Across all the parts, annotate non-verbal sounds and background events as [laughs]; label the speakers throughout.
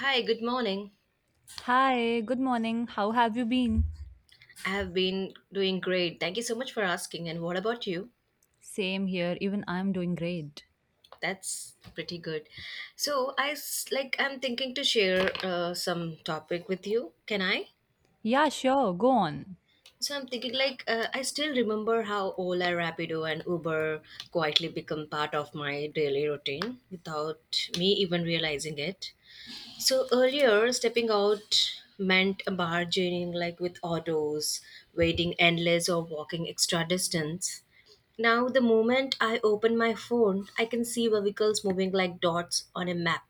Speaker 1: Hi, good morning.
Speaker 2: Hi, good morning. How have you been?
Speaker 1: I have been doing great. Thank you so much for asking. And what about you?
Speaker 2: Same here, even I'm doing great.
Speaker 1: That's pretty good. So I s- like I'm thinking to share some topic with you. Can I?
Speaker 2: Yeah, sure, go on.
Speaker 1: So, I'm thinking I still remember how Ola, Rapido, and Uber quietly become part of my daily routine without me even realizing it. So earlier, stepping out meant bargaining like with autos, waiting endless or walking extra distance. Now, the moment I open my phone, I can see vehicles moving like dots on a map.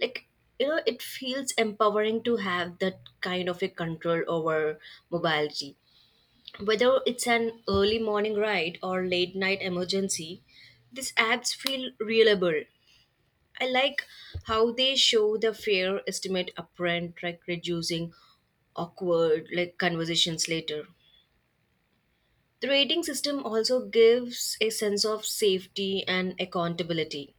Speaker 1: Like, it feels empowering to have that kind of a control over mobility. Whether it's an early morning ride or late night emergency, these apps feel reliable. I like how they show the fair estimate upfront, like reducing awkward like conversations later. The rating system also gives a sense of safety and accountability.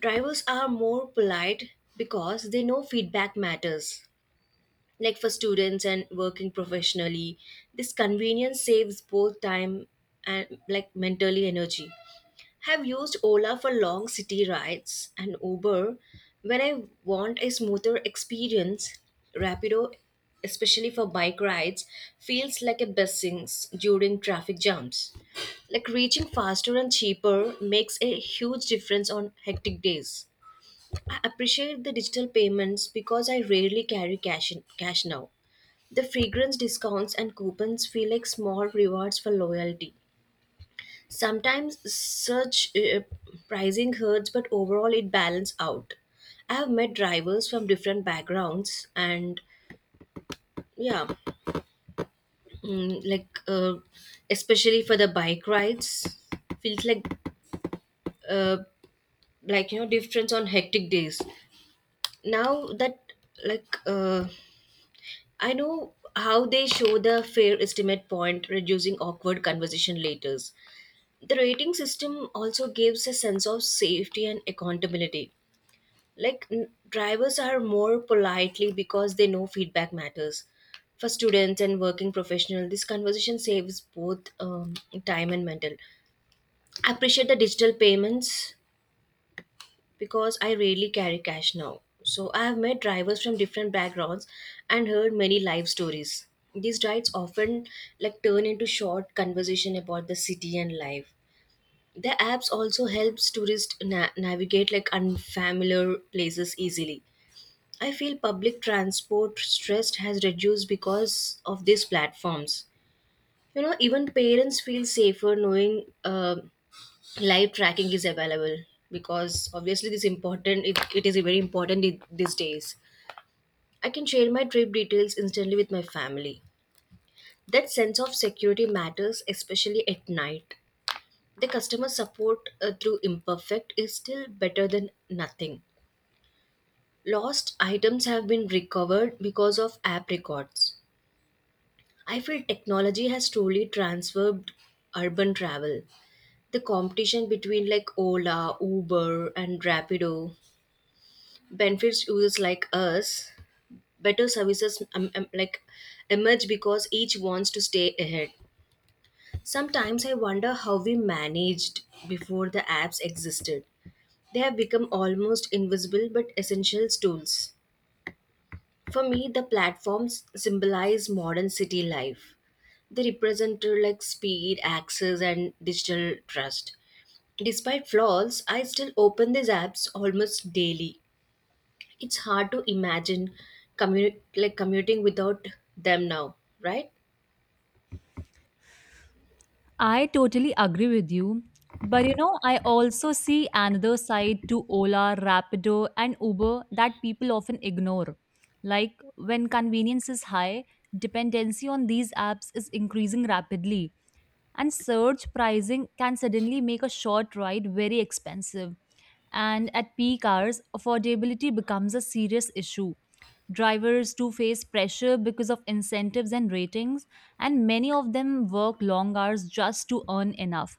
Speaker 1: Drivers are more polite because they know feedback matters. Like for students and working professionally, this convenience saves both time and like mentally energy. Have used Ola for long city rides and Uber when I want a smoother experience. Rapido, especially for bike rides, feels like a bus sinks during traffic jams. Like reaching faster and cheaper makes a huge difference on hectic days. I appreciate the digital payments because I rarely carry cash now. The fragrance discounts and coupons feel like small rewards for loyalty. Sometimes such pricing hurts, but overall it balances out. I have met drivers from different backgrounds, and yeah, mm, like uh, especially for the bike rides, feels uh, like difference on hectic days. Now that like I know how they show the fair estimate point, reducing awkward conversation later. The rating system also gives a sense of safety and accountability. Drivers are more politely because they know feedback matters for students and working professional. This conversation saves both time and mental. I appreciate the digital payments because I rarely carry cash now. So I have met drivers from different backgrounds and heard many life stories. These rides often like turn into short conversation about the city and life. The apps also helps navigate like unfamiliar places easily. I feel public transport stress has reduced because of these platforms. You know, even parents feel safer knowing live tracking is available because obviously this important. It is very important these days. I can share my trip details instantly with my family. That sense of security matters, especially at night. The customer support through imperfect is still better than nothing. Lost items have been recovered because of app records. I feel technology has truly transformed urban travel. The competition between like Ola, Uber, and Rapido benefits users like us. Better services like emerge because each wants to stay ahead. Sometimes I wonder how we managed before the apps existed. They have become almost invisible but essential tools. For me, the platforms symbolize modern city life. They represent like speed, access, and digital trust. Despite flaws, I still open these apps almost daily. It's hard to imagine commuting without them now, right?
Speaker 2: I totally agree with you. But you know, I also see another side to Ola, Rapido, and Uber that people often ignore. Like when convenience is high, dependency on these apps is increasing rapidly, and surge pricing can suddenly make a short ride very expensive. And at peak hours, affordability becomes a serious issue. Drivers do face pressure because of incentives and ratings, and many of them work long hours just to earn enough.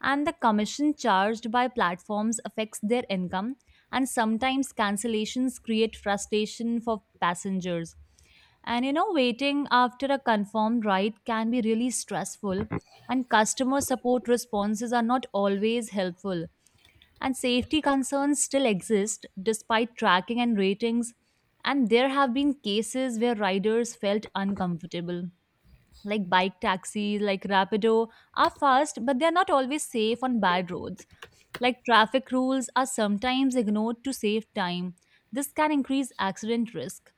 Speaker 2: And the commission charged by platforms affects their income, and sometimes cancellations create frustration for passengers. And you know, waiting after a confirmed ride can be really stressful, and customer support responses are not always helpful, and safety concerns still exist despite tracking and ratings, and there have been cases where riders felt uncomfortable. Like bike taxis, like Rapido, are fast, but they're not always safe on bad roads. Like traffic rules are sometimes ignored to save time. This can increase accident risk.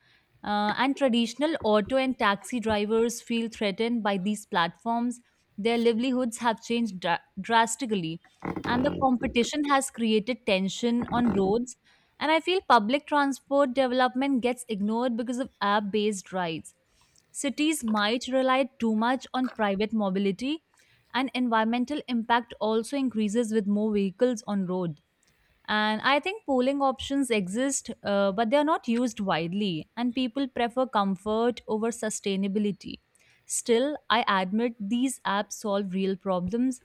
Speaker 2: And traditional auto and taxi drivers feel threatened by these platforms. Their livelihoods have changed drastically. And the competition has created tension on roads, and I feel public transport development gets ignored because of app based rides. Cities might rely too much on private mobility, and environmental impact also increases with more vehicles on road. And I think pooling options exist, but they are not used widely, and people prefer comfort over sustainability. Still, I admit these apps solve real problems,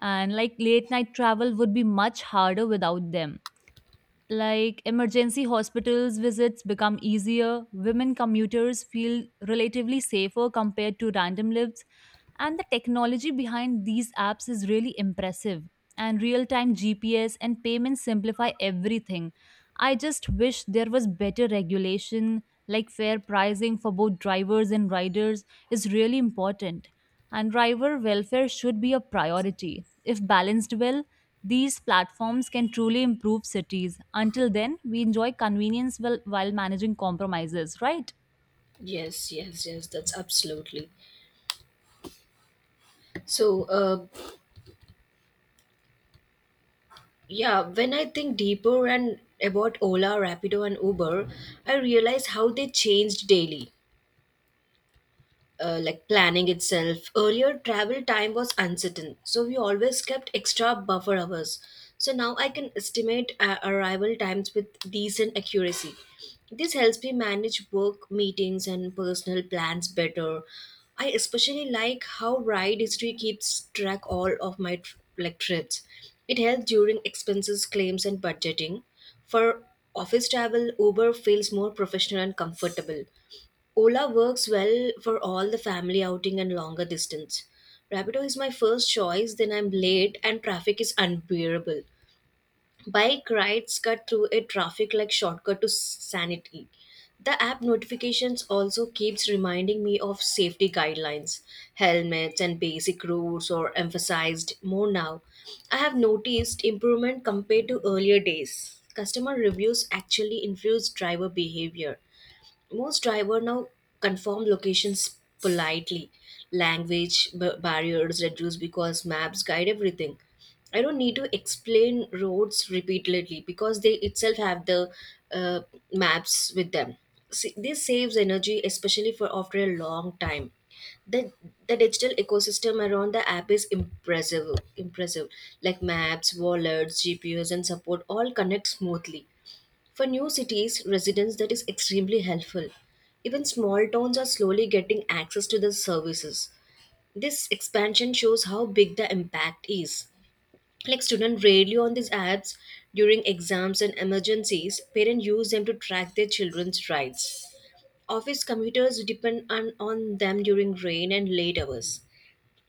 Speaker 2: and like late night travel would be much harder without them. Like emergency hospitals visits become easier, women commuters feel relatively safer compared to random lives, and the technology behind these apps is really impressive. And real time GPS and payments simplify everything. I just wish there was better regulation, like fair pricing for both drivers and riders is really important. And driver welfare should be a priority. If balanced well, these platforms can truly improve cities. Until then, we enjoy convenience while managing compromises, right?
Speaker 1: Yes, yes, yes, that's absolutely. So, uh, Yeah, when I think deeper and about Ola, Rapido, and Uber, I realize how they changed daily, planning itself. Earlier, travel time was uncertain, so we always kept extra buffer hours. So now I can estimate arrival times with decent accuracy. This helps me manage work, meetings, and personal plans better. I especially like how ride history keeps track all of my trips. It helps during expenses, claims, and budgeting. For office travel, Uber feels more professional and comfortable. Ola works well for all the family outing and longer distance. Rapido is my first choice, then I'm late and traffic is unbearable. Bike rides cut through a traffic like shortcut to sanity. The app notifications also keeps reminding me of safety guidelines, helmets and basic rules are emphasized more now. I have noticed improvement compared to earlier days. Customer reviews actually influence driver behavior. Most driver now confirm locations politely. Language barriers reduce because maps guide everything. I don't need to explain roads repeatedly because they itself have the uh, maps with them. See, this saves energy especially for after a long time. The the digital ecosystem around the app is impressive, like maps wallets GPS, and support all connect smoothly for new cities residents, that is extremely helpful. Even small towns are slowly getting access to the services. This expansion shows how big the impact is. Like students rarely on these apps during exams and emergencies, parents use them to track their children's rides. Office commuters depend on them during rain and late hours.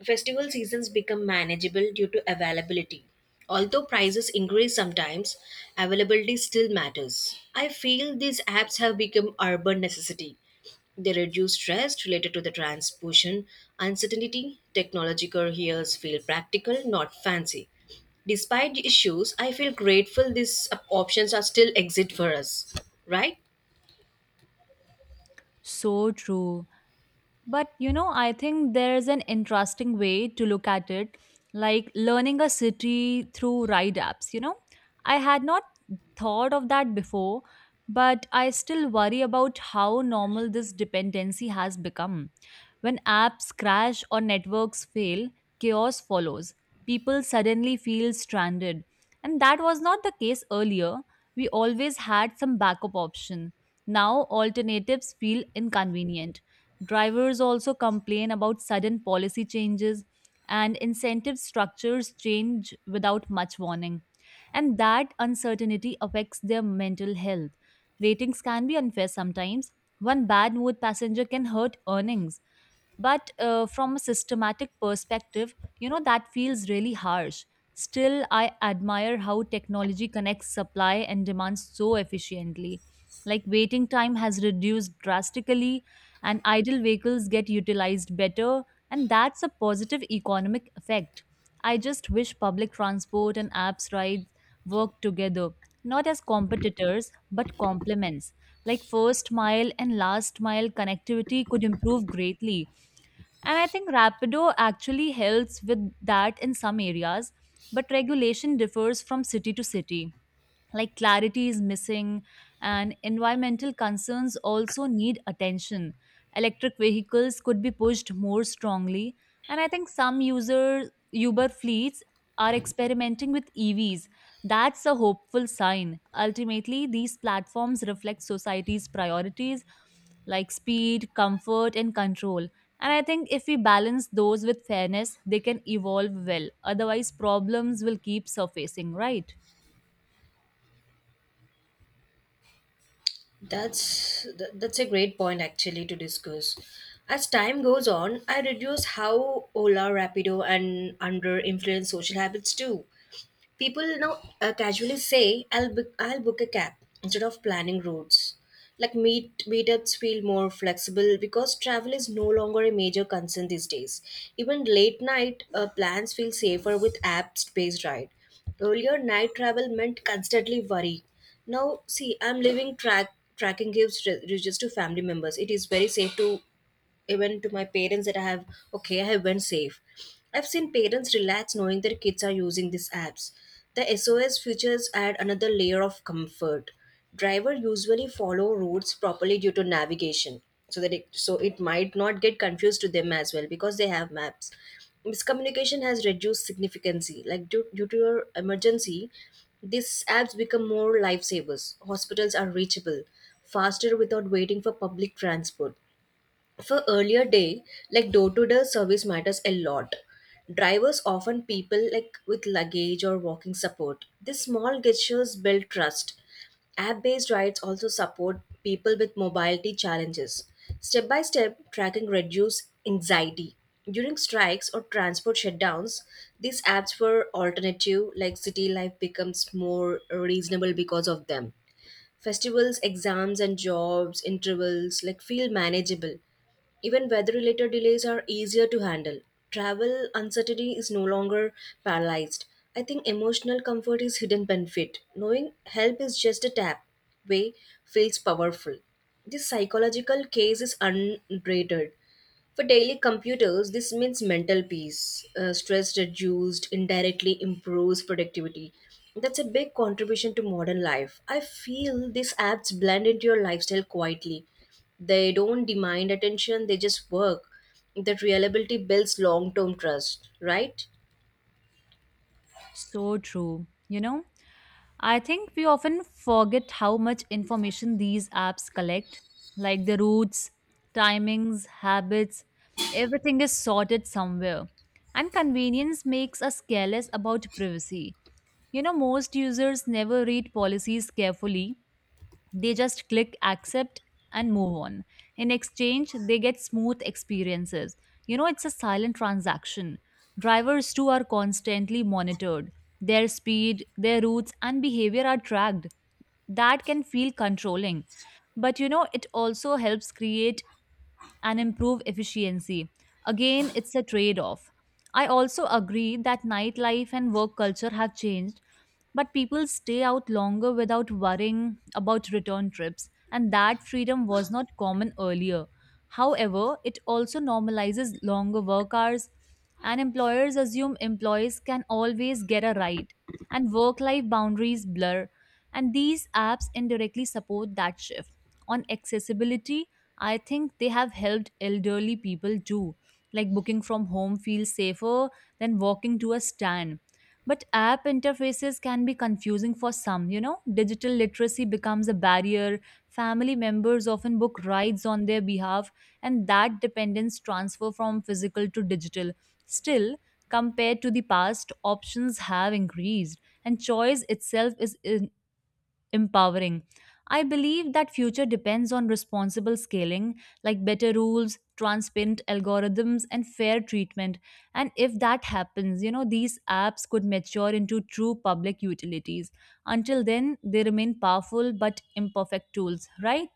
Speaker 1: Festival seasons become manageable due to availability. Although prices increase sometimes, availability still matters. I feel these apps have become urban necessity. They reduce stress related to the transposition, uncertainty, technological hears feel practical, not fancy. Despite the issues, I feel grateful these options are still exist for us. Right?
Speaker 2: So true. But you know, I think there's an interesting way to look at it, like learning a city through ride apps. You know, I had not thought of that before, but I still worry about how normal this dependency has become. When apps crash or networks fail, chaos follows. People suddenly feel stranded. And that was not the case earlier. We always had some backup option. Now alternatives feel inconvenient. Drivers also complain about sudden policy changes, and incentive structures change without much warning. And that uncertainty affects their mental health. Ratings can be unfair sometimes. One bad mood passenger can hurt earnings. But from a systematic perspective, you know, that feels really harsh. Still, I admire how technology connects supply and demand so efficiently. Like, waiting time has reduced drastically, and idle vehicles get utilized better, and that's a positive economic effect. I just wish public transport and apps rides work together, not as competitors, but complements. Like, first mile and last mile connectivity could improve greatly, and I think Rapido actually helps with that in some areas, but regulation differs from city to city. Like clarity is missing, and environmental concerns also need attention. Electric vehicles could be pushed more strongly, and I think some user uber fleets are experimenting with evs. That's a hopeful sign. Ultimately these platforms reflect society's priorities, like speed, comfort, and control. And I think if we balance those with fairness, they can evolve well, otherwise problems will keep surfacing, right?
Speaker 1: That's a great point actually to discuss. As time goes on, I reduce how Ola, Rapido, and under influence social habits too. People now casually say, I'll book a cab" instead of planning routes. Like meetups feel more flexible because travel is no longer a major concern these days. Even late night plans feel safer with apps based ride. Earlier, night travel meant constantly worry. Now, see, I'm leaving tracking gives just to family members. It is very safe to even to my parents that I have okay, I have went safe. I've seen parents relax knowing their kids are using these apps. The SOS features add another layer of comfort. Driver usually follow routes properly due to navigation, so that it might not get confused to them as well because they have maps. Miscommunication has reduced significantly. Like due to your emergency, these apps become more lifesavers. Hospitals are reachable, faster without waiting for public transport for earlier day. Like door to door service matters a lot. Drivers often people like with luggage or walking support, these small gestures build trust. App based rides also support people with mobility challenges. Step by step tracking reduce anxiety during strikes or transport shutdowns. These apps were alternative. Like city life becomes more reasonable because of them. Festivals, exams, and jobs, intervals like feel manageable. Even weather related delays are easier to handle. Travel uncertainty is no longer paralyzed. I think emotional comfort is hidden benefit. Knowing help is just a tap way feels powerful. This psychological case is underrated. For daily computers, this means mental peace. Stress reduced indirectly improves productivity. That's a big contribution to modern life. I feel these apps blend into your lifestyle quietly. They don't demand attention, they just work. That reliability builds long term trust, right?
Speaker 2: So true. You know, I think we often forget how much information these apps collect, like the routes, timings, habits, everything is sorted somewhere. And convenience makes us careless about privacy. You know, most users never read policies carefully, they just click accept and move on. In exchange, they get smooth experiences. You know, it's a silent transaction. Drivers too are constantly monitored. Their speed, their routes, and behavior are tracked. That can feel controlling. But you know, it also helps create and improve efficiency. Again, it's a trade off. I also agree that nightlife and work culture have changed, but people stay out longer without worrying about return trips, and that freedom was not common earlier. However, it also normalizes longer work hours, and employers assume employees can always get a ride, and work life boundaries blur, and these apps indirectly support that shift. On accessibility, I think they have helped elderly people too. Like booking from home feels safer than walking to a stand. But app interfaces can be confusing for some, you know? Digital literacy becomes a barrier. Family members often book rides on their behalf, and that dependence transfer from physical to digital. Still, compared to the past, options have increased, and choice itself is empowering. I believe that future depends on responsible scaling, like better rules, transparent algorithms, and fair treatment. And if that happens, you know, these apps could mature into true public utilities. Until then, they remain powerful but imperfect tools, right?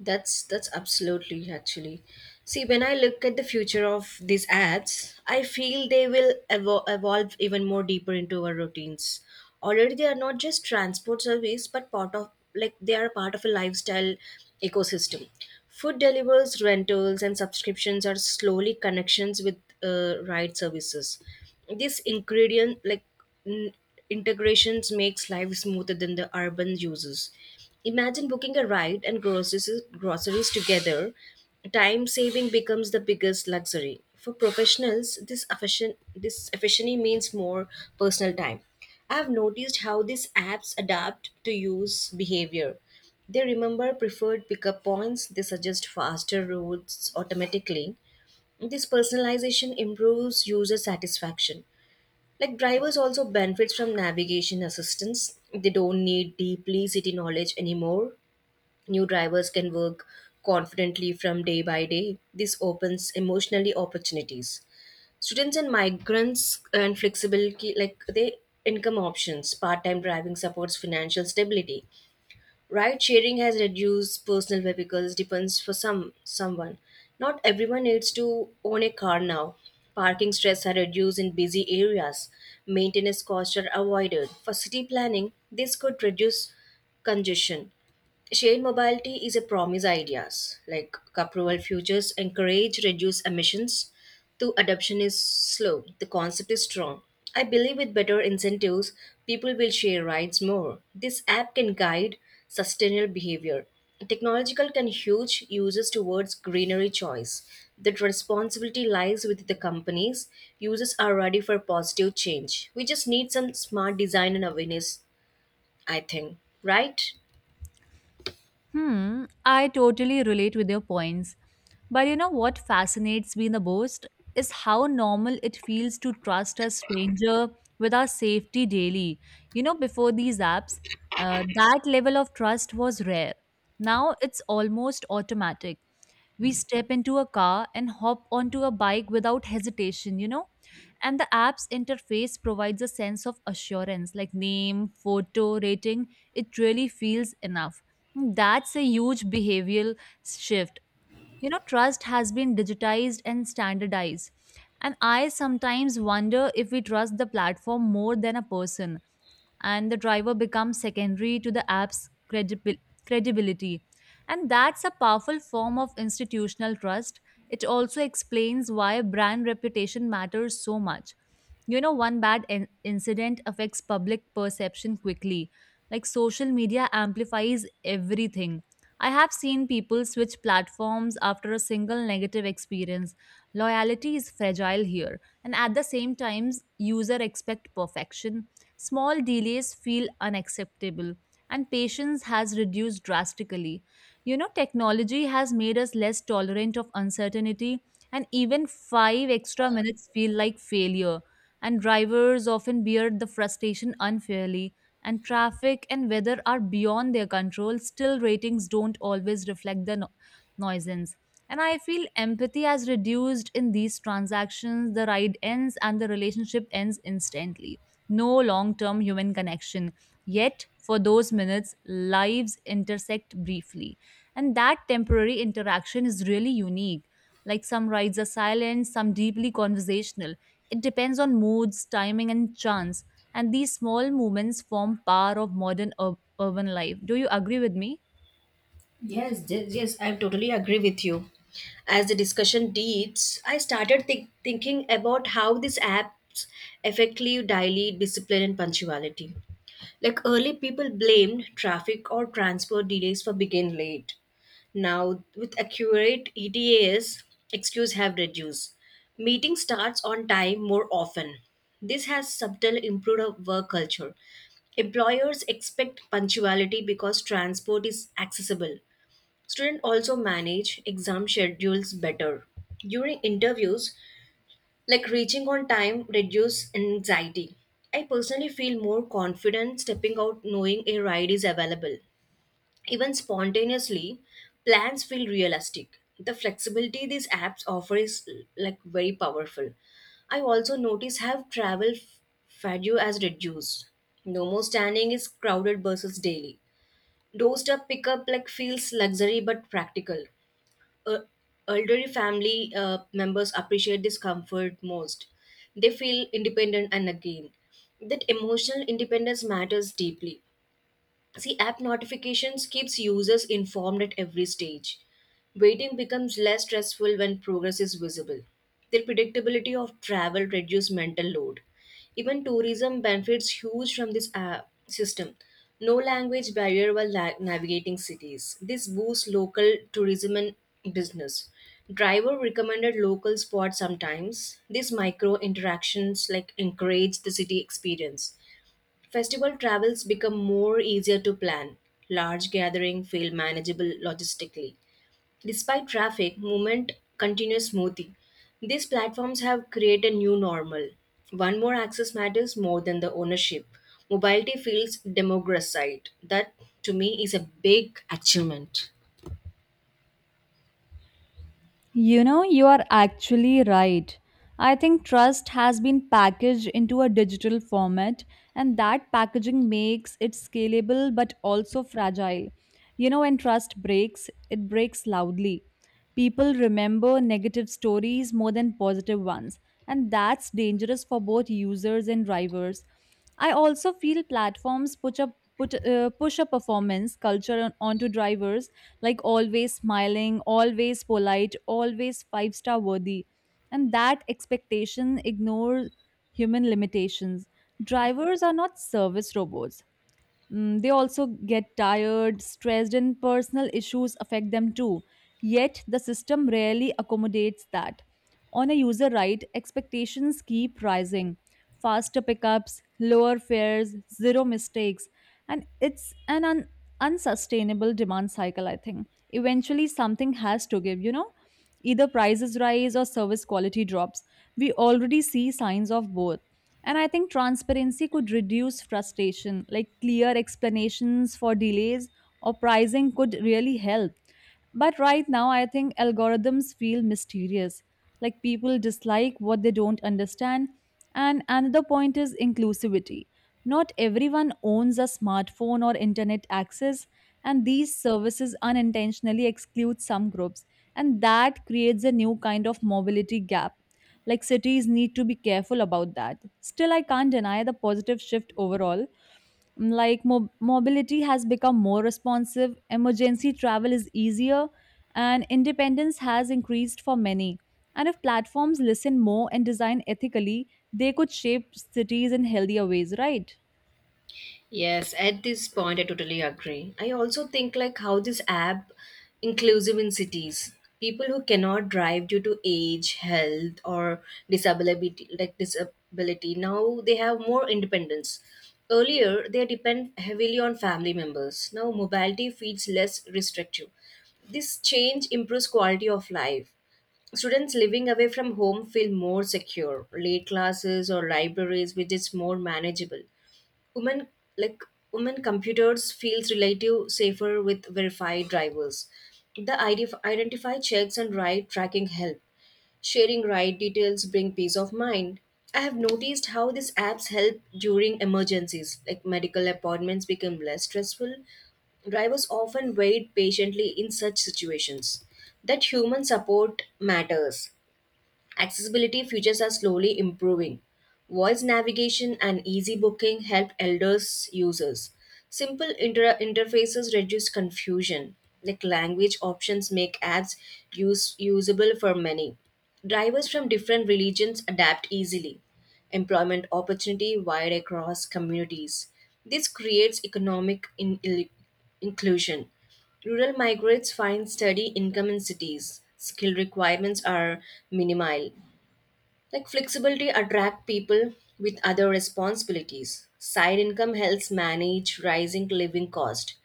Speaker 1: That's absolutely actually. See, when I look at the future of these apps, I feel they will evolve even more deeper into our routines. Already, they are not just transport service, but part of like they are part of a lifestyle ecosystem. Food delivers, rentals, and subscriptions are slowly connections with ride services. This n- integrations makes life smoother than the urban uses. Imagine booking a ride and groceries together. Time saving becomes the biggest luxury. For professionals, this efficiency means more personal time. I have noticed how these apps adapt to use behavior. They remember preferred pickup points, they suggest faster routes automatically. This personalization improves user satisfaction. Like drivers also benefits from navigation assistance. They don't need deeply city knowledge anymore. New drivers can work confidently from day by day. This opens emotionally opportunities. Students and migrants and flexibility like they income options. Part-time driving supports financial stability. Ride sharing has reduced personal vehicles depends for some someone. Not everyone needs to own a car now. Parking stress are reduced in busy areas. Maintenance costs are avoided. For city planning, this could reduce congestion. Shared mobility is a promise ideas like Capruel futures encourage reduced emissions. Though adoption is slow, the concept is strong. I believe with better incentives, people will share rides more. This app can guide sustainable behavior. Technological can huge users towards greenery choice. That responsibility lies with the companies. Users are ready for positive change. We just need some smart design and awareness, I think. Right?
Speaker 2: Hmm, I totally relate with your points. But you know what fascinates me the most is how normal it feels to trust a stranger with our safety daily. You know, before these apps, that level of trust was rare. Now it's almost automatic. We step into a car and hop onto a bike without hesitation, you know? And the app's interface provides a sense of assurance like name, photo, rating. It really feels enough. That's a huge behavioral shift. You know, trust has been digitized and standardized. And I sometimes wonder if we trust the platform more than a person, and the driver becomes secondary to the app's credibility. And that's a powerful form of institutional trust. It also explains why brand reputation matters so much. You know, one bad incident affects public perception quickly. Like social media amplifies everything. I have seen people switch platforms after a single negative experience. Loyalty is fragile here, and at the same times, user expect perfection. Small delays feel unacceptable, and patience has reduced drastically. You know, technology has made us less tolerant of uncertainty, and even 5 extra minutes feel like failure. And drivers often bear the frustration unfairly, and traffic and weather are beyond their control, still ratings don't always reflect the nuisance. And I feel empathy has reduced in these transactions. The ride ends and the relationship ends instantly, no long term human connection. Yet, for those minutes, lives intersect briefly. And that temporary interaction is really unique. Like some rides are silent, some deeply conversational. It depends on moods, timing, and chance. And these small moments form part of modern urban life. Do you agree with me?
Speaker 1: Yes, yes, yes, I totally agree with you. As the discussion deeps, I started thinking about how these apps effectively daily discipline and punctuality. Like early people blamed traffic or transport delays for being late. Now, with accurate ETAs, excuse have reduced. Meeting starts on time more often. This has subtly improved our work culture. Employers expect punctuality because transport is accessible. Students also manage exam schedules better. During interviews, like reaching on time reduce anxiety. I personally feel more confident stepping out knowing a ride is available. Even spontaneously, plans feel realistic. The flexibility these apps offer is like very powerful. I also notice how fatigue has reduced. No more standing is crowded buses daily. Doorstep pickup like feels luxury but practical uh, elderly family members appreciate this comfort most. They feel independent and again. That emotional independence matters deeply. See, app notifications keeps users informed at every stage. Waiting becomes less stressful when progress is visible. The predictability of travel reduces mental load. Even tourism benefits huge from this app system. No language barrier while navigating cities. This boosts local tourism and business. Driver recommended local spots sometimes. These micro interactions like encourage the city experience. Festival travels become more easier to plan. Large gathering feel manageable logistically. Despite traffic, movement continues smoothly. These platforms have created a new normal. One more access matters more than the ownership. Mobility feels democratized. That to me is a big achievement.
Speaker 2: You know, you are actually right. I think trust has been packaged into a digital format, and that packaging makes it scalable but also fragile. You know, when trust breaks, it breaks loudly. People remember negative stories more than positive ones, and that's dangerous for both users and drivers. I also feel platforms push up put push a performance culture onto drivers, like always smiling, always polite, always five-star worthy, and that expectation ignores human limitations. Drivers are not service robots. Mm, they also get tired, stressed, and personal issues affect them too. Yet, the system rarely accommodates that. On a user right, expectations keep rising, faster pickups, lower fares, zero mistakes, and it's an unsustainable demand cycle, I think. Eventually, something has to give, you know? Either prices rise or service quality drops. We already see signs of both. And I think transparency could reduce frustration, like clear explanations for delays or pricing could really help. But right now, I think algorithms feel mysterious. Like people dislike what they don't understand. And another point is inclusivity. Not everyone owns a smartphone or internet access, and these services unintentionally exclude some groups. And that creates a new kind of mobility gap. Like cities need to be careful about that. Still, I can't deny the positive shift overall. Mm, like mobility has become more responsive, emergency travel is easier, and independence has increased for many. And if platforms listen more and design ethically, they could shape cities in healthier ways, right?
Speaker 1: Yes, at this point, I totally agree. I also think like how this app inclusive in cities. People who cannot drive due to age, health, or disability, like disability, now they have more independence. Earlier, they depend heavily on family members. Now, mobility feels less restrictive. This change improves quality of life. Students living away from home feel more secure. Late classes or libraries, which is more manageable women like women computers feels relative safer with verified drivers the identify checks and ride tracking help sharing ride details bring peace of mind. I have noticed how these apps help during emergencies like medical appointments become less stressful. Drivers often wait patiently in such situations. That human support matters. Accessibility features are slowly improving. Voice navigation and easy booking help elders users. Simple interfaces reduce confusion. Like language options make apps usable for many. Drivers from different religions adapt easily. Employment opportunity wide across communities. This creates economic inclusion. Rural migrants find steady income in cities. Skill requirements are minimal. Like flexibility attract people with other responsibilities. Side income helps manage rising living cost.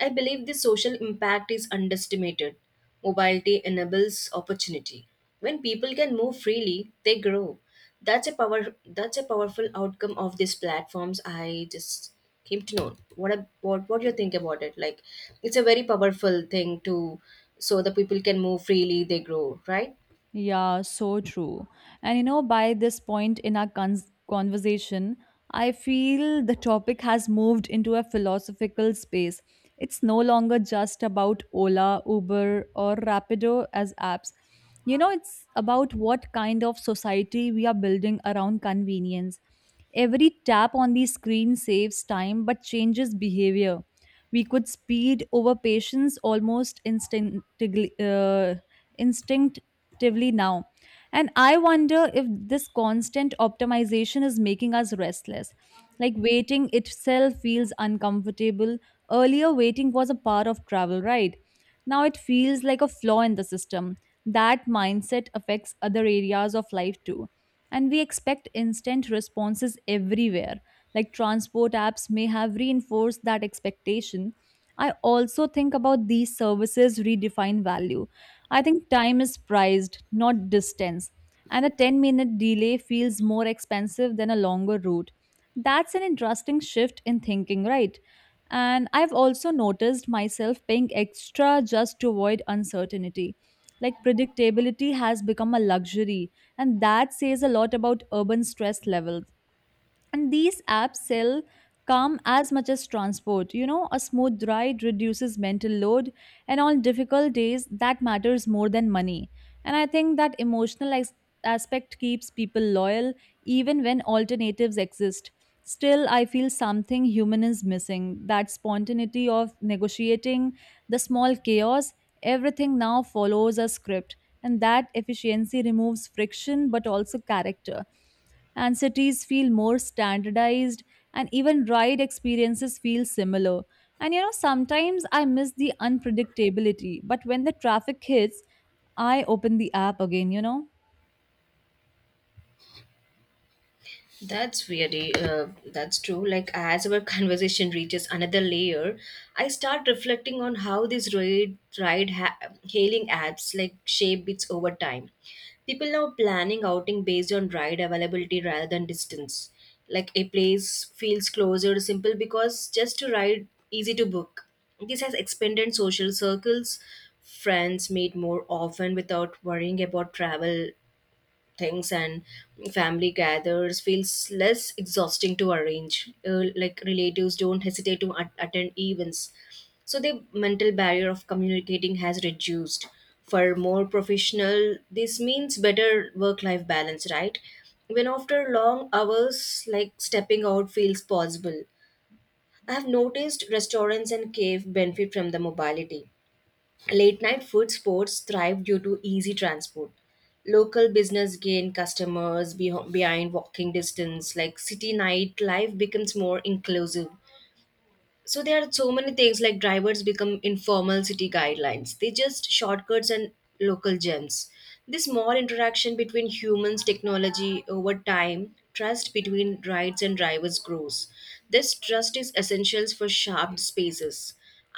Speaker 1: I believe the social impact is underestimated. Mobility enables opportunity. When people can move freely, they grow. That's a power that's a powerful outcome of these platforms. I just came to know. What do you think about it? Like it's a very powerful thing to so the people can move freely, they grow, right?
Speaker 2: Yeah, so true. And you know, by this point in our cons conversation, I feel the topic has moved into a philosophical space. It's no longer just about Ola, Uber, or Rapido as apps. You know, it's about what kind of society we are building around convenience. Every tap on the screen saves time but changes behavior. We could speed over patience almost instinctively. Actively now. And I wonder if this constant optimization is making us restless. Like waiting itself feels uncomfortable. Earlier, waiting was a part of travel, right? Now it feels like a flaw in the system. That mindset affects other areas of life too. And we expect instant responses everywhere. Like transport apps may have reinforced that expectation. I also think about these services redefine value. I think time is prized, not distance. And a 10-minute delay feels more expensive than a longer route. That's an interesting shift in thinking, right? And I've also noticed myself paying extra just to avoid uncertainty. Like predictability has become a luxury, and that says a lot about urban stress levels. And these apps sell calm as much as transport. You know, a smooth ride reduces mental load, and on difficult days, that matters more than money. And I think that emotional aspect keeps people loyal even when alternatives exist. Still, I feel something human is missing, that spontaneity of negotiating, the small chaos. Everything now follows a script, and that efficiency removes friction but also character, and cities feel more standardized, and even ride experiences feel similar. And you know, sometimes I miss the unpredictability, but when the traffic hits, I open the app again, you know?
Speaker 1: That's really that's true. Like as our [laughs] conversation reaches another layer, I start reflecting on how these hailing apps like shape bits over time. People now planning outing based on ride availability rather than distance. Like a place feels closer, simple because just to ride, easy to book. This has expanded social circles. Friends meet more often without worrying about travel things, and family gathers feels less exhausting to arrange, like relatives don't hesitate to attend events. So the mental barrier of communicating has reduced for more professional. This means better work life balance, right? When after long hours, like stepping out feels possible. I have noticed restaurants and cave benefit from the mobility. Late night food sports thrive due to easy transport. Local business gain customers behind walking distance, like city night life becomes more inclusive. So there are so many things like drivers become informal city guidelines, they just shortcuts and local gems. This small interaction between humans technology over time, trust between rides and drivers grows. This trust is essential for sharp spaces.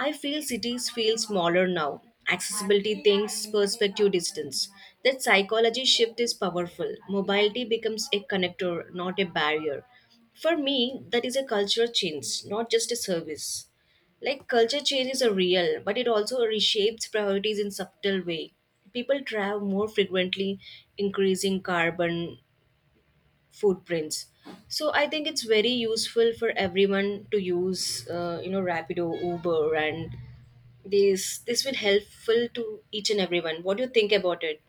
Speaker 1: I feel cities feel smaller now. Accessibility things perspective distance, that psychology shift is powerful. Mobility becomes a connector, not a barrier. For me, that is a cultural change, not just a service. Like culture change is a real, but it also reshapes priorities in subtle way. People travel more frequently, increasing carbon footprints. So I think it's very useful for everyone to use, you know, Rapido, Uber, and this will helpful to each and everyone. What do you think about it?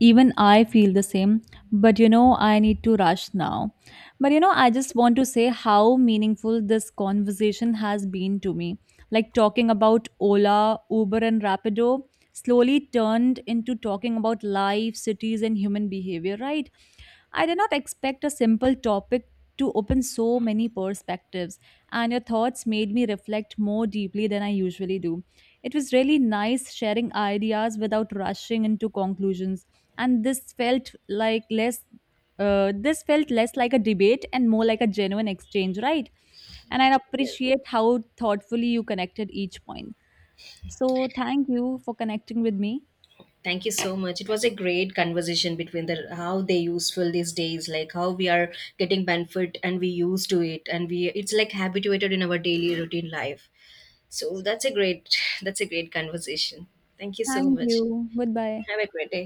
Speaker 2: Even I feel the same, but you know, I need to rush now. But you know, I just want to say how meaningful this conversation has been to me. Like talking about Ola, Uber, and Rapido slowly turned into talking about life, cities, and human behavior, right? I did not expect a simple topic to open so many perspectives, and your thoughts made me reflect more deeply than I usually do. It was really nice sharing ideas without rushing into conclusions, and this felt less like a debate and more like a genuine exchange, right? And I appreciate how thoughtfully you connected each point. So thank you for connecting with me.
Speaker 1: Thank you so much. It was a great conversation between the how they useful these days, like how we are getting benefit and we used to it, and we it's like habituated in our daily routine life. So that's a great [laughs] that's a great conversation. Thank you so
Speaker 2: Thank
Speaker 1: much.
Speaker 2: you. Goodbye.
Speaker 1: Have a great day.